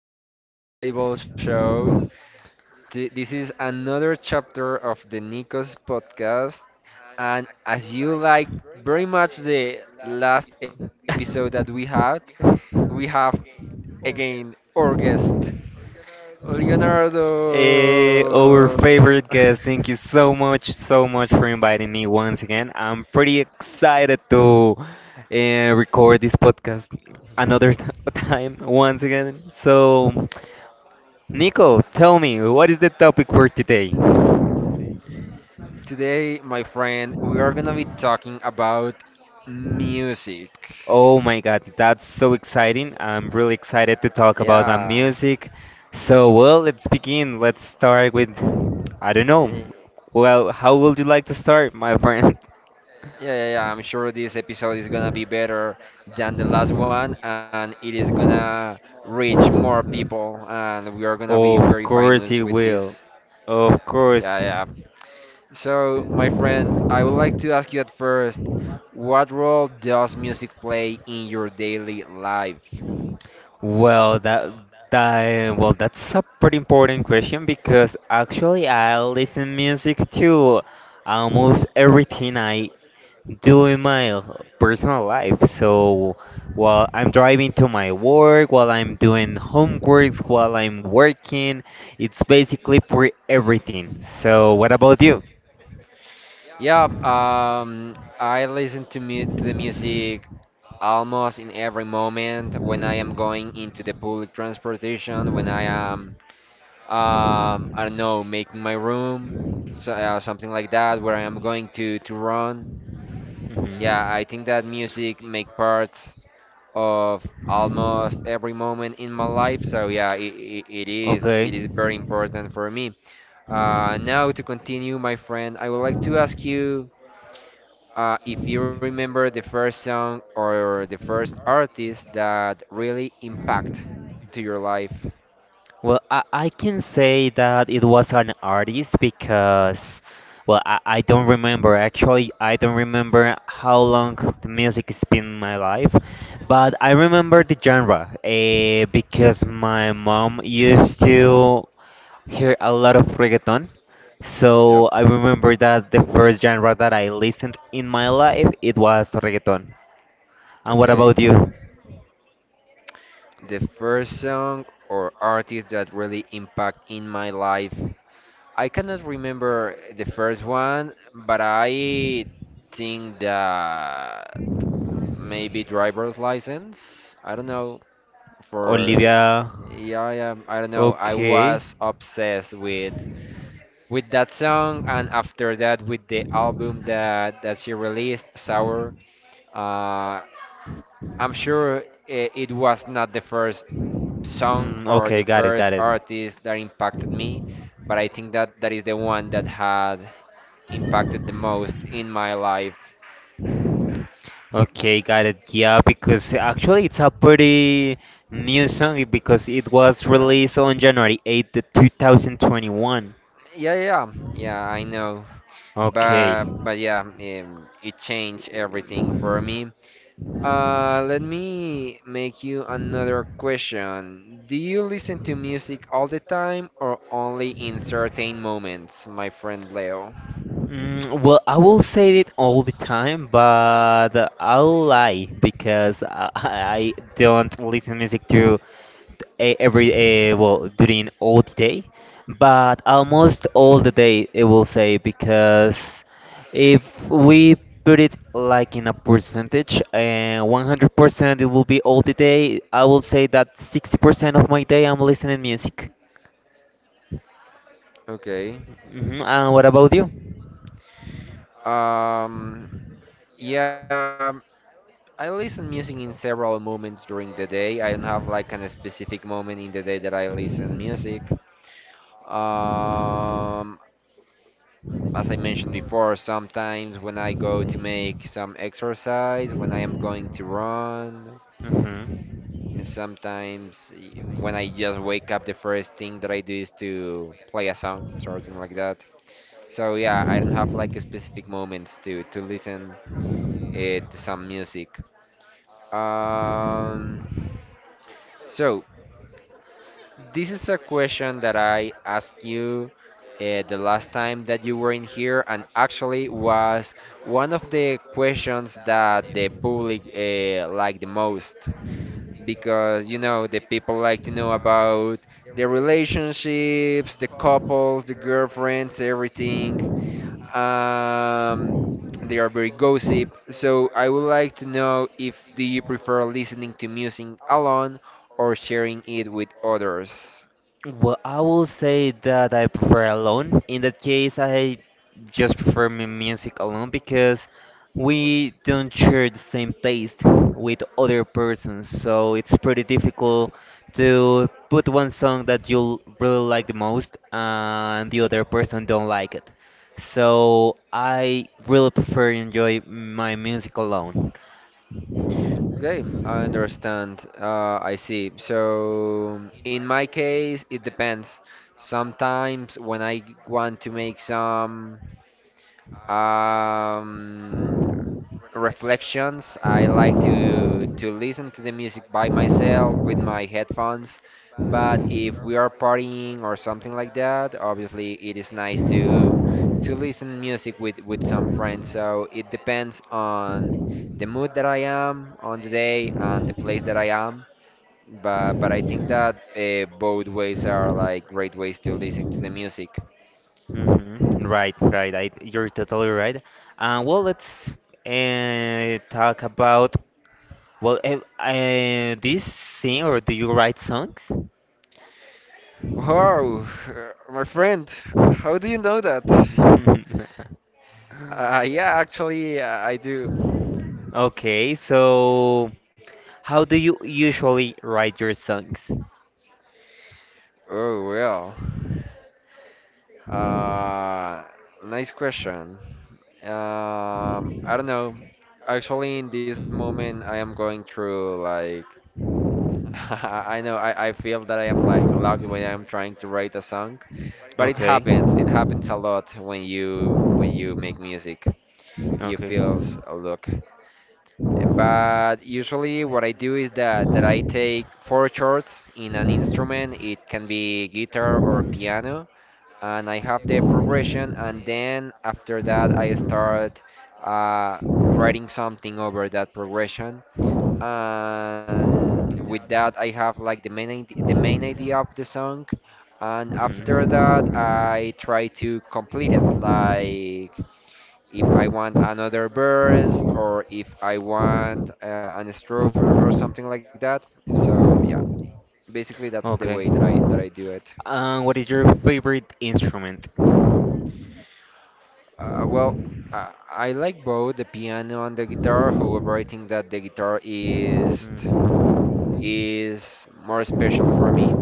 this incredible show. This is another chapter of the Nikos podcast, and as you like very much the last episode that we had, we have again our guest, Our Leonardo. favorite guest. Thank you so much, so much for inviting me once again. I'm pretty excited to record this podcast another t- time once again. So, Nico, tell me, what is the topic for today? Today, my friend, we are gonna be talking about music. Oh my God, that's so exciting. I'm really excited to talk about that Yeah. music. So, well, let's begin. Let's start with, I don't know. Eh, Well, how would you like to start, my friend? Yeah, yeah, yeah. I'm sure this episode is gonna be better than the last one, and it is gonna reach more people, and we are gonna be very Of famous course with he this. will. Of Yeah, course. yeah. So, my friend, I would like to ask you at first, what role does music play in your daily life? Well, that's a pretty important question because actually I listen music to almost everything I do in my personal life. So while I'm driving to my work, while I'm doing homeworks, while I'm working, it's basically for everything. So what about you? Yeah, I listen to mu to the music almost in every moment when I am going into the public transportation, when I am I don't know, making my room, so, something like that, where I am going to run. Yeah, I Hmm. think that music make parts of almost every moment in my life, so yeah, it, Okay. it is very important for me. Now to continue, my friend, I would like to ask you if you remember the first song or the first artist that really impact to your life. Well, I can say that it was an artist because, well, I don't remember. Actually, I don't remember how long the music has been in my life, but I remember the genre because my mom used to hear a lot of reggaeton. Yep. So I remember that the first genre that I listened in my life it was reggaeton. And what Okay. about you, The first song or artist that really impact in my life. I cannot remember the first one, but I think that maybe driver's license. I don't know for Olivia? yeah, yeah, I don't know. I Okay. was obsessed with that song and after that with the album that she released, Sour. Uh, I'm sure it was not the first Mm, song okay, or the got it, got first it. artist that impacted me, but I think that that is the one that had impacted the most in my life. Okay, got it. Yeah, because actually it's a pretty new song because it was Yeah, released on January 8th, 2021. yeah, yeah, yeah, I know. Okay. But yeah, it changed everything for me. Let me make you another question. Do you listen to music all the time or only in certain moments, my friend Leo? Mm, well, I will say it all the time, but I'll lie because I, I don't listen music to every well during all the day, but almost all the day it will say because if we put it like in a percentage and 100% it will be all the day, I will say that 60% of my day I'm listening music. Okay. Hmm. And what about you? Um, yeah, I listen music in several moments during the day. I don't have like a specific moment in the day that I listen music. Um, as I mentioned before, sometimes when I go to make some exercise, when I am going to run, Mm-hmm. sometimes when I just wake up, the first thing that I do is to play a song, something like that. So yeah, I don't have like a specific moments to listen to some music. Um, so. This is a question that I asked you the last time that you were in here, and actually was one of the questions that the public like the most because you know the people like to know about the relationships, the couples, the girlfriends, everything. Um, they are very gossip. So I would like to know if do you prefer listening to music alone or sharing it with others? Well, I will say that I prefer alone. In that case, I just prefer music alone because we don't share the same taste with other persons, so it's pretty difficult to put one song that you'll really like the most and the other person don't like it. So I really prefer enjoy my music alone. Okay, I understand. I see. So, in my case, it depends. Sometimes when I want to make some um, reflections. I like to listen to the music by myself with my headphones. But if we are partying or something like that, obviously it is nice to listen music with some friends. So it depends on the mood that I am on the day and the place that I am. But I think that both ways are like great ways to listen to the music. Hmm. Right, right. You're totally right. Well, let's talk about do you sing or do you write songs? Wow, my friend, how do you know that? Yeah, actually, I do. Do. Okay, so how do you usually write your songs? Oh, well. Uh, Nice question. I don't know. Actually, in this moment, I am going through like I know I feel that I am like locked when I'm trying to write a song, but it Okay. happens. It happens a lot when you make music. You Okay. feels a look. But usually what I do is that I take 4 chords in an instrument. It can be guitar or piano, and I have the progression, and then after that I start uh, writing something over that progression. And with that I have like the the main idea of the song, and after that Mm. I try to complete it like if I want another verse or if I want an strophe, or something like that. So yeah, basically that's the way Okay. that I do it. What is your favorite instrument? Well, I like both the piano and the guitar. However, I think that the guitar Mm. is more special for me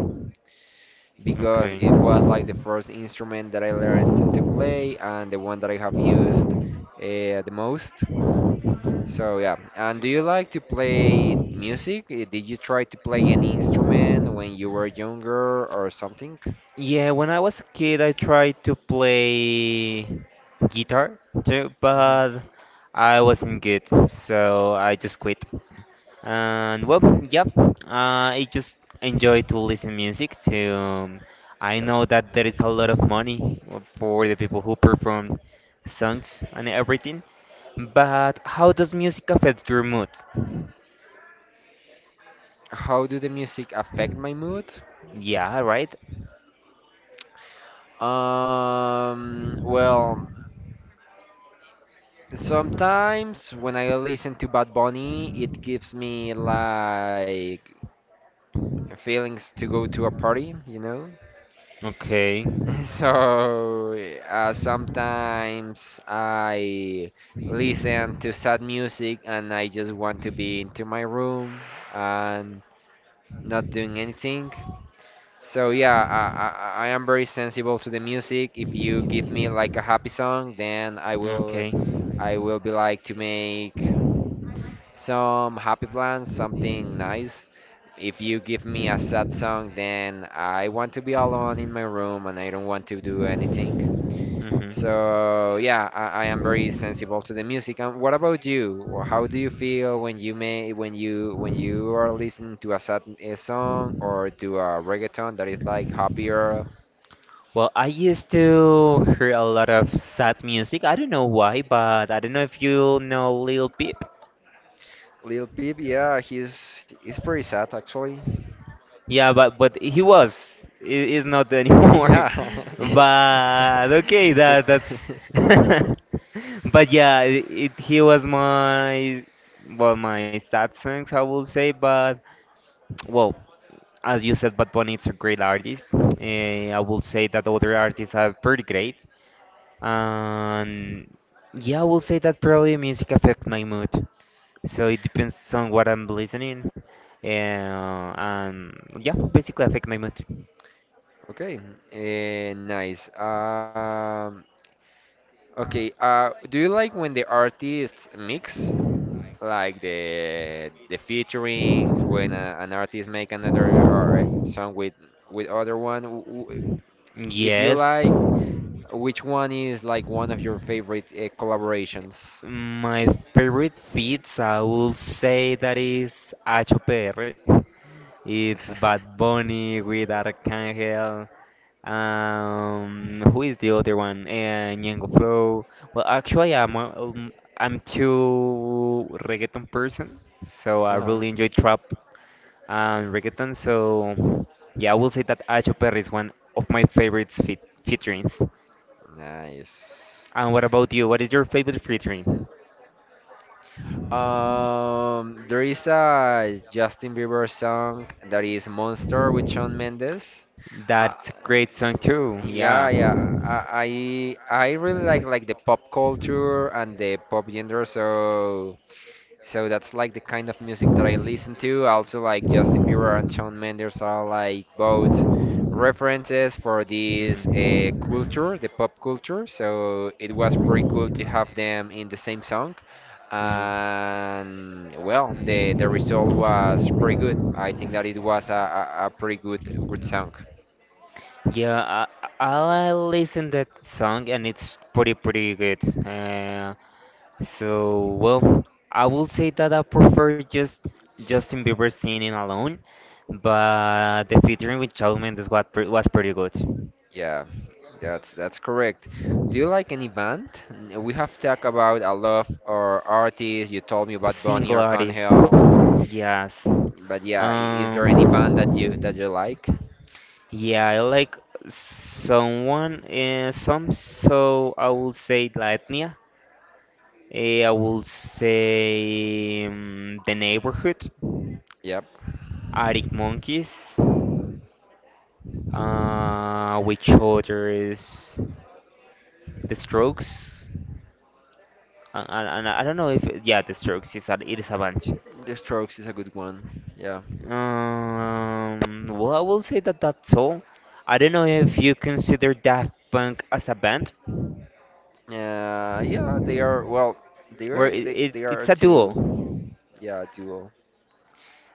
because Okay. it was like the first instrument that I learned to play and the one that I have used the most. So yeah, and do you like to play music? Did you try to play any instrument when you were younger or something? Yeah, when I was a kid, I tried to play guitar too, Hmm. but I wasn't good, so I just quit. And well, yep, I just enjoy to listen music. To I Yep. know that there is a lot of money for the people who perform songs and everything, but how does music affect your mood? How do the music affect my mood? Yeah, right. Well, sometimes when I listen to Bad Bunny, it gives me like feelings to go to a party, you know? Okay. So sometimes I listen to sad music and I just want to be into my room and not doing anything. So yeah, I am very sensible to the music. If you give me like a happy song, then Okay. I will be like to make some happy plans, something nice. If you give me a sad song, then I want to be alone in my room and I don't want to do anything. Hmm. So yeah, I am very sensible to the music. And what about you? Wh- How do you feel when you may when you are listening to a sad a song or to a reggaeton that is like happier? Well, I used to hear a lot of sad music. I don't know why, but I don't know if you know Lil Peep. Lil Peep, yeah, he's pretty sad actually. Yeah, but he was. He is not anymore. Yeah. But okay, Good. that's. But yeah, it he was my sad songs I will say. But well, as you said, Bad Bunny is a great artist. I will say that other artists are pretty great. And yeah, I will say that probably music affects my mood. So it depends on what I'm listening. And yeah, basically affect my mood. Okay. Nice. Okay. Do you like when the artists mix? Like the featurings when a, an artist make another or song with other one if you Yes, like which one is like one of your favorite collaborations? my favorite feats, I would say that is HOPR. It's Bad Bunny with Arcángel. Who is the other one? Ñengo Flow. Well, actually, I'm too reggaeton person, so I uh really enjoy trap and reggaeton. So yeah, I will say that HOPR is one of my favorite featurings. nice And what about you? What is your favorite featuring? There is a Justin Bieber song that is Monster with Shawn Mendes. uh, That's a great song too. Yeah. yeah, yeah, I really Mhm. like the pop culture and the pop genre, so so that's like the kind of music that I listen to. Also, like Justin Bieber and Shawn Mendes are like both references for this culture, the pop culture. So it was pretty cool to have them in the same song. Mhm. And well, the result was pretty good. I think that it was a pretty good song. Yeah, I listen that song and it's pretty good. Uh, So, well, I will say that I prefer just Justin Bieber singing alone, but the featuring with Shawn Mendes was was pretty good. Yeah, that's correct. Do you like any band? We have talked about a lot of our artists. You told me about Bonnie Single artist, Arcangel, yes. but yeah, is there any band that Um, you like? yeah, I like so I will say Lightnia. I will say The Neighborhood, Yep, Arctic Monkeys. Which other is The Strokes? And I don't know if yeah, The Strokes it is a bunch. The Strokes is a good one. Yeah, Well, I will say that that's all. I don't know if you consider Daft Punk as a band, yeah, they are well, or it, it they are it's a duo. two, yeah, duo.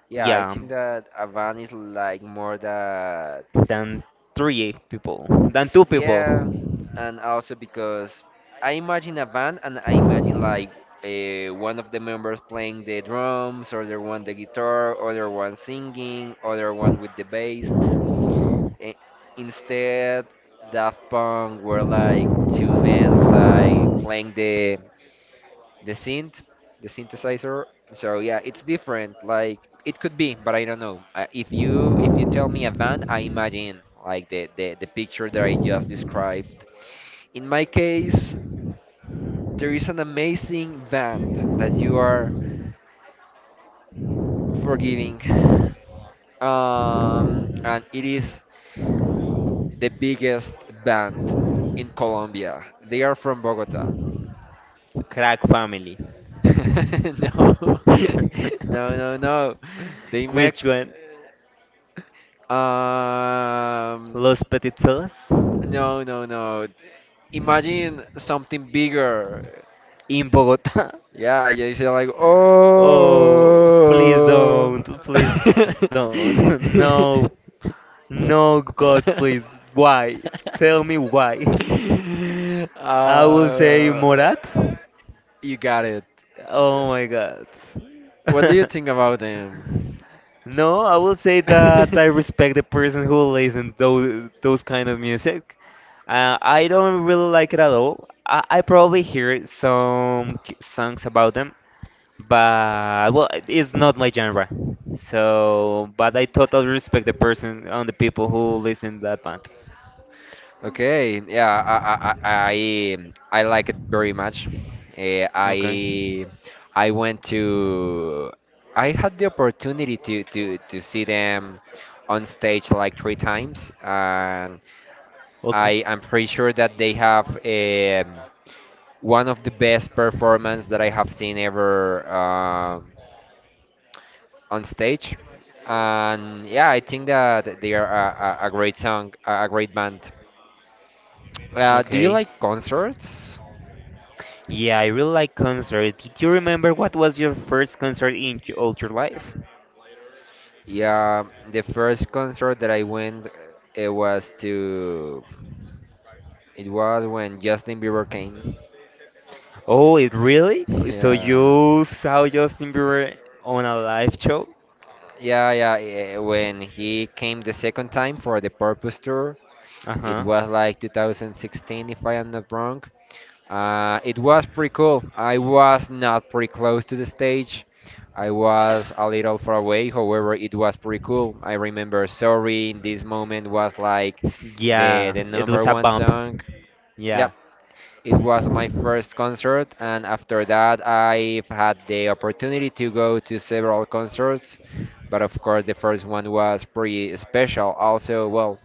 Yeah, I Yeah, think that a band is like more that, than three people, than two people. yeah, and also because I imagine a band and I imagine like one of the members playing the drums, other one the guitar, other one singing, other one with the bass. I- Instead, Daft Punk were like two men like playing the synth, the synthesizer. So yeah, it's different. Like it could be, but I don't know. If you tell me a band, I imagine like the picture that I just described. In my case, there is an amazing band that you are forgiving. And it is the biggest band in Colombia. They are from Bogota. Crack family. No, No, no. They make. Which one? Um, Los Petit Fellas? no, no. Imagine something bigger. In Bogota? Yeah, yeah, you say like, Oh, please oh. don't, please don't. No, no, God, please. Why? Tell me why. I will say Uh, Morat. you got it. Oh my God. What do you think about them? No, I will say that I respect the person who listens those kind of music. I don't really like it at all. I probably hear some songs about them, but well it's not my genre so but I totally respect the person and the people who listen to that band. Okay, yeah, I like it very much. Eh, Okay. I I went to I had the opportunity to see them on stage like 3 times, and Okay. I am pretty sure that they have one of the best performance that I have seen ever. On stage. And yeah, I think that they are a great song, a great band. Okay. Do you like concerts? Yeah, I really like concerts. Did you remember what was your first concert in all your life? Yeah, the first concert that I went, it was to, it was when Justin Bieber came. Oh, it really? So Yeah. you saw Justin Bieber on a live show? Yeah, yeah. When he came the second time for the Purpose Tour, it Uh-huh. was like 2016, if I am not wrong. It was pretty cool. I was not pretty close to the stage. I was a little far away. However, it was pretty cool. I remember "Sorry" in this moment was like the Yeah, the it number was a one bump. song. Yeah. Yep, it was my first concert, and after that, I've had the opportunity to go to several concerts. But of course, the first one was pretty special. Also, well,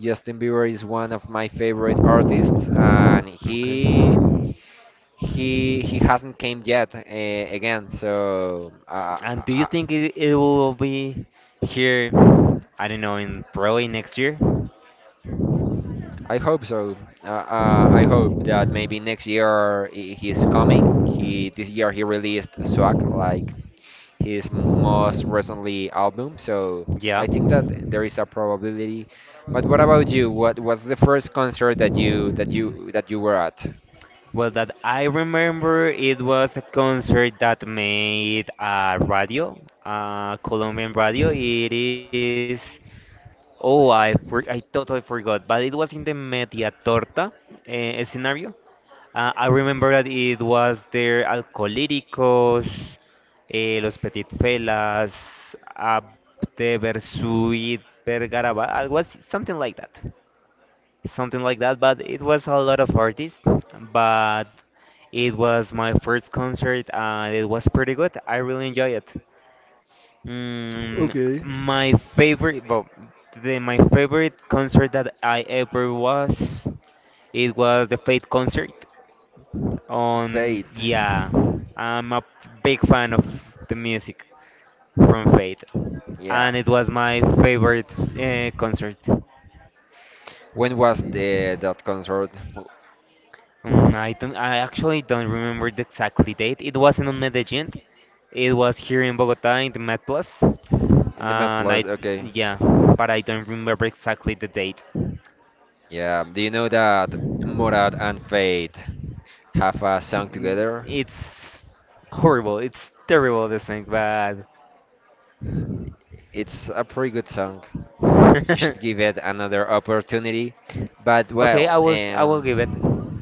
Justin Bieber is one of my favorite artists, and Okay. he hasn't came yet again, so And do you think it will be here, I don't know, in probably next year? I hope so. I hope that maybe next year he- he's coming he this year he released Swag, like his most recently album, so Yeah. I think that there is a probability. But what about you? What was the first concert that you were at? Well, that I remember it was a concert that made a radio, Colombian radio. It is, oh, I totally forgot, but it was in the Media Torta scenario. I remember that it was their Alcohólicos, Los Petit Felas, Abte Versuit Vergaraba, algo así, something like that. Something like that, but it was a lot of artists. But it was my first concert and it was pretty good. I really enjoyed it. Mm, Okay. my favorite, well, my favorite concert that I ever was, it was the Fate concert. On Fate? yeah, I'm a big fan of the music from Fate, Yeah. and it was my favorite concert. When was the that concert? Mm, I actually don't remember the exactly date. It wasn't on Medellin. It was here in Bogota in the Met Plus, and In the Med Plus, I okay. yeah, but I don't remember exactly the date. Yeah. Do you know that Morad and Fate have a song Mm. together? It's horrible. It's terrible this thing, but It's a pretty good song. You should give it another opportunity. But okay, well, I will give it.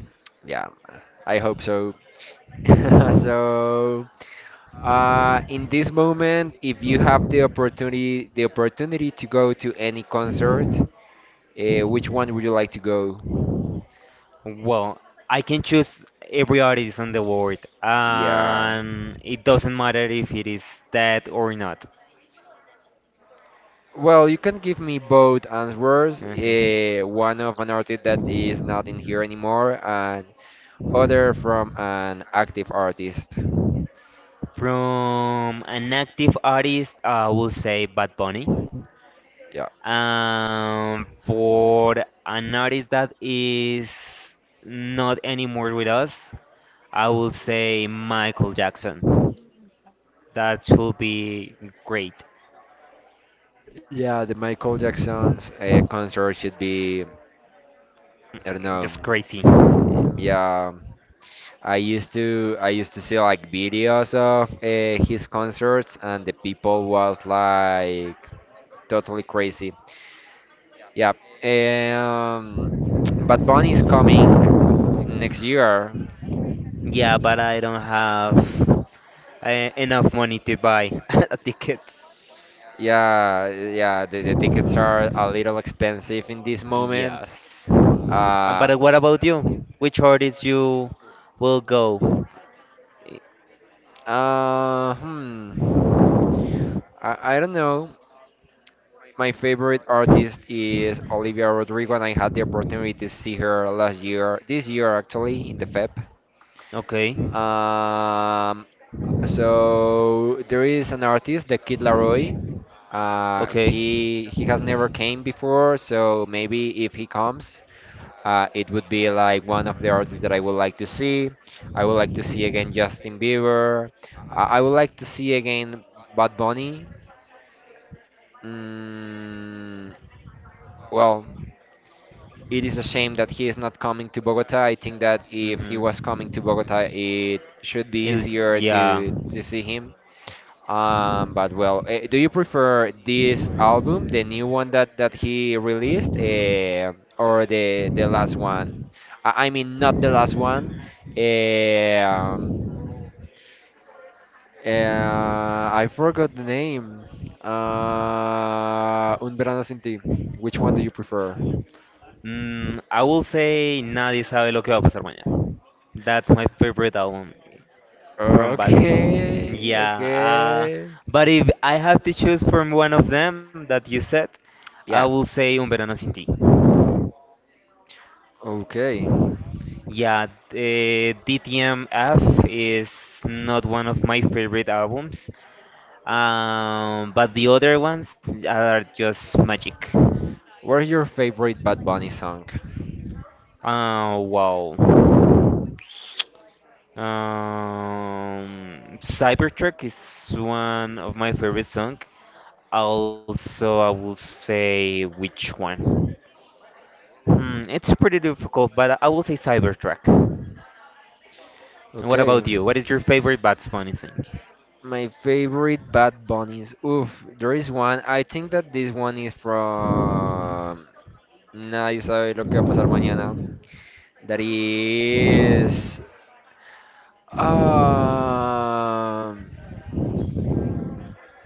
yeah, I hope so. So, in this moment, if you have the opportunity, to go to any concert, which one would you like to go? Well, I can choose every artist in the world, Yeah. and it doesn't matter if it is dead or not. Well, you can give me both answers. Okay. One of an artist that is not in here anymore, and other from an active artist. From an active artist, I will say Bad Bunny. Yeah, For an artist that is not anymore with us, I will say Michael Jackson. That should be great. yeah. The Michael Jackson's concert should be, I don't know. Just crazy. Yeah, I used to see like videos of his concerts, and the people was like totally crazy. Yeah. Um, Bad Bunny is coming next year. Yeah, but I don't have uh, enough money to buy a ticket. Yeah, yeah, the tickets are a little expensive in this moment. Yes. And Uh, but what about you? Which artist you will go? uh, hmm. I don't know. My favorite artist is Olivia Rodrigo, and I had the opportunity to see her last year, this year actually, in the FEP. Okay. Um, so there is an artist, the Kid Laroi. Okay. he has never came before, so maybe if he comes. It would be like one of the artists that I would like to see. I would like to see again Justin Bieber. I would like to see again Bad Bunny. Mm, well, it is a shame that he is not coming to Bogota. I think that if he was coming to Bogota, Mhm. it should be It's, easier yeah. to see him. But well, do you prefer this album, the new one that he released, or the last one? I mean, not the last one. Eh, Um, I forgot the name. Un verano sin ti. Which one do you prefer? Mm, I will say Nadie sabe lo que va a pasar mañana. That's my favorite album from Bad. Okay, Yeah, okay. but if I have to choose from one of them that you said, I Yeah, will say Un Verano Sin Ti. okay. Yeah, DTMF is not one of my favorite albums, but the other ones are just magic. What's your favorite Bad Bunny song? Wow. Cybertruck is one of my favorite song. Also, I will say which one. Hmm, it's pretty difficult, but I will say Cybertruck. And what about Okay. you? What is your favorite Bad Bunny song? My favorite Bad Bunnies. Oof, there is one. I think that this one is from Nadie sabe lo que va a pasar mañana. That is. Um,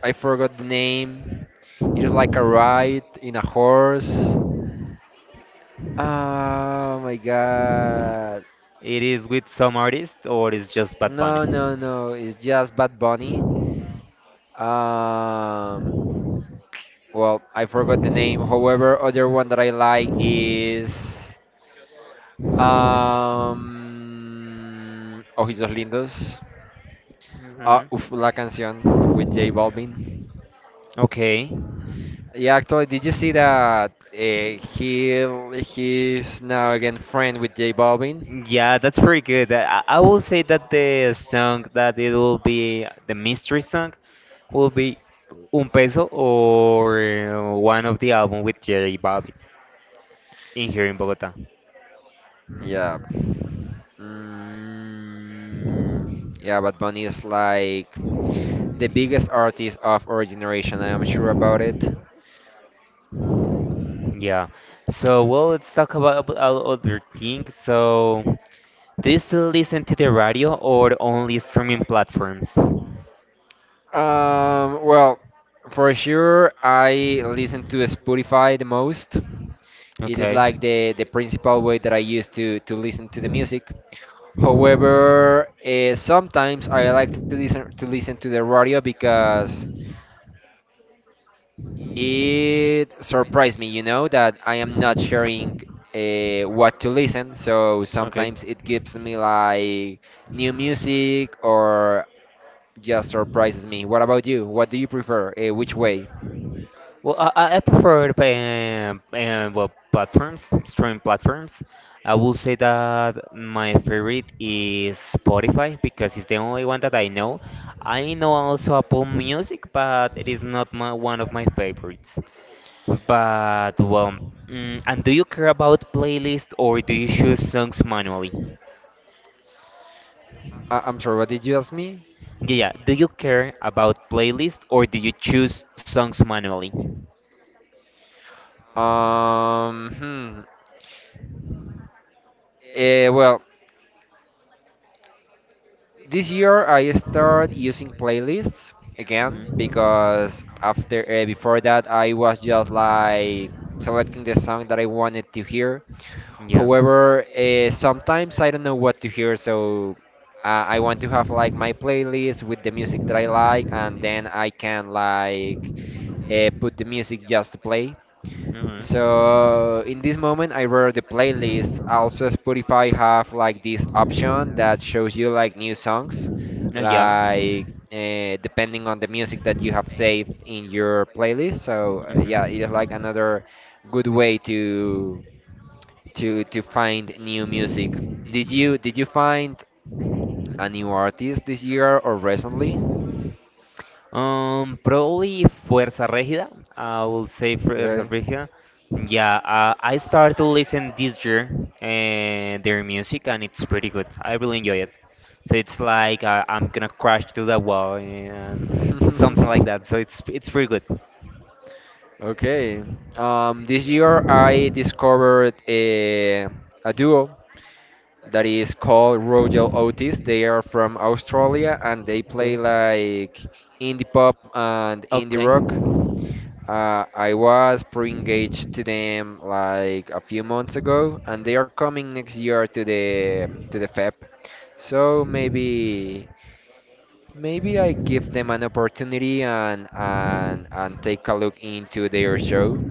I forgot the name. It is like a ride in a horse. Oh my god. It is with some artist or it is just Bad Bunny? No, no, no. It's just Bad Bunny. Um, well, I forgot the name. However, other one that I like is Ojitos Lindos. Hmm. La canción with J Balvin. Okay. Yeah, actually, did you see that he's now again friend with J Balvin? Yeah, that's pretty good. I will say that the song that it will be the mystery song will be Un Peso or one of the album with Jerry Bobby in here in Bogota. Yeah. Mm, yeah, but Bunny is like the biggest artist of our generation. I am sure about it. Yeah. So, well, let's talk about our other things. So, do you still listen to the radio or only streaming platforms? Well, for sure, I listen to Spotify the most. It is Okay. like the principal Mhm. way that I use to listen to the music. However, sometimes I like to listen to the radio because it surprised me, you know, that I am not sharing what to listen. So Okay. sometimes it gives me like new music or just surprises me. What about you? What do you prefer? Which way? Well, I prefer well, platforms, streaming platforms. I will say that my favorite is Spotify because it's the only one that I know. I know also Apple Music, but it is not my, one of my favorites. But well, and do you care about playlist or do you choose songs manually? I'm sorry, what did you ask me? Yeah, yeah. Do you care about playlist or do you choose songs manually? Um, hmm. Well, this year I started using playlists again because after before that I was just like selecting the song that I wanted to hear. Mhm. However, sometimes I don't know what to hear, so I want to have like my playlist with the music that I like, and then I can like put the music just to play. Mhm. So. So in this moment, I wrote the playlist. Also, Spotify have like this option that shows you like new songs, Oh. like depending on the music that you have saved in your playlist. So Mhm. yeah, Just it is like like. another good way to find new music. Did you find a new artist this year or recently? Probably Fuerza Regida. I will say Fuerza Okay. Regida. Yeah, I started to listen this year their music, and it's pretty good. I really enjoy it. So it's like I'm gonna crash to the wall and something like that. So it's pretty good. Okay. This year I discovered a duo that is called Royal Otis. They are from Australia and they play Okay. like indie pop and indie Okay. rock. I was pre-engaged to them like a few months ago, and they are coming next year to the FEP. So maybe I give them an opportunity and take a look into their show.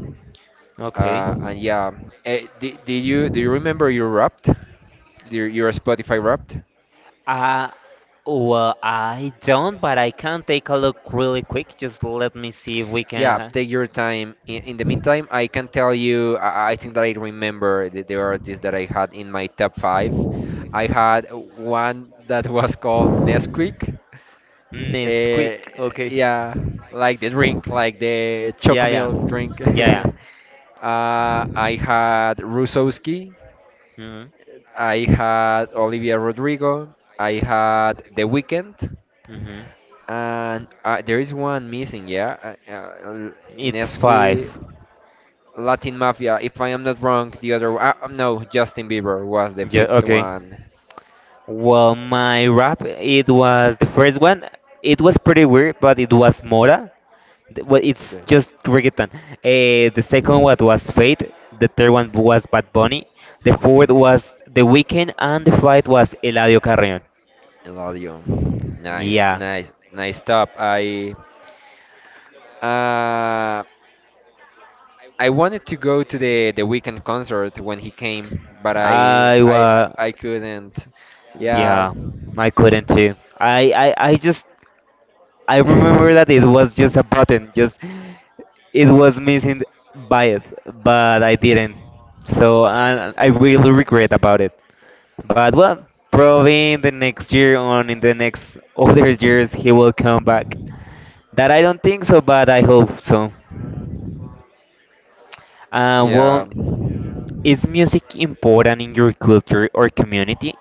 Okay. And yeah, do you remember your Wrapped? Your Spotify Wrapped? Uh, well, I don't, but I can take a look really quick. Just let me see if we can. Yeah, take your time. In the meantime, I can tell you, I think that I remember the artist that I had in my top five. I had one that was called Nesquik. It's Uh, quick. Okay. yeah, like the drink, like the Yeah, chocolate yeah, milk drink. yeah, yeah. I had Rusowski. Mm-hmm. I had Olivia Rodrigo. I had The Weeknd, Mm-hmm. and there is one missing. Yeah, uh, uh, It's five. Nesqui, Latin Mafia. If I am not wrong, the other no, Justin Bieber was the Yeah, fifth okay. one. Well, my rap, it was the first one. It was pretty weird, but it was Mora. Well, it's Okay, just reggaeton. The second one was Fate. The third one was Bad Bunny. The fourth was The Weeknd, and the fifth was Eladio Carrion. Eladio. Nice, Yeah, nice, nice top. Uh, I wanted to go to the Weekend concert when he came, but I I I was. I couldn't. Yeah. Yeah, I couldn't too. I remember that it was just a button, just it was missing by it, but I didn't. So I really regret about it. But well, probably in the next year or in the next other years he will come back. That I don't think so, but I hope so. Yeah. Well, is music important in your culture or community?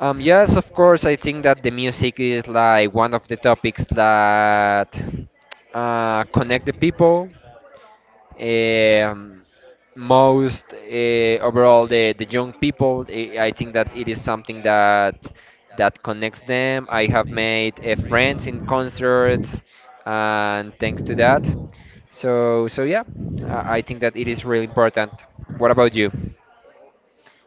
Yes, of course. I think that the music is like one of the topics that connect the people. Um, most overall, the young people. I think that it is something that connects them. I have made friends in concerts, and thanks to that. So so yeah, I think that it is really important. What about you?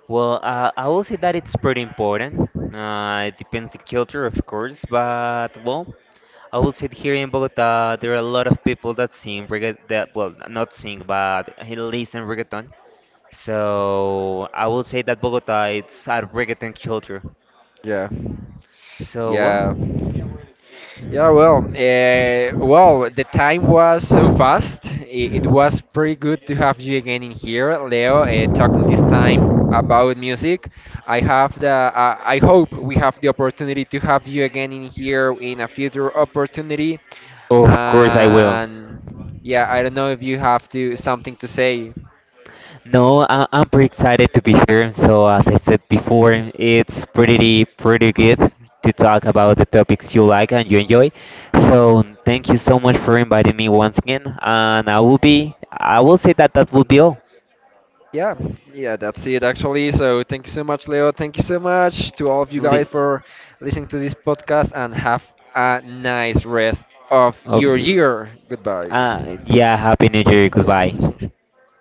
Well, I will say that it's pretty important. It depends the culture, of course, but well, I would say here in Bogota, there are a lot of people that sing reggaeton, that, well, not sing, but he listen reggaeton. So I would say that Bogota it's a reggaeton culture. Yeah. So, Yeah. well, Yeah, well, the time was so fast. It was pretty good to have you again in here, Leo, talking this time about music. I hope we have the opportunity to have you again in here in a future opportunity. of course I will. And yeah, I don't know if you have to something to say. No, I'm pretty excited to be here. So as I said before, it's pretty good to talk about the topics you like and you enjoy. So thank you so much for inviting me once again, and I will be. I will say that that will be all. Yeah, yeah, that's it actually. So thank you so much, Leo. Thank you so much to all of you Li- guys for listening to this podcast and have a nice rest of of your you. year. Goodbye. Yeah, Happy New Year. Goodbye.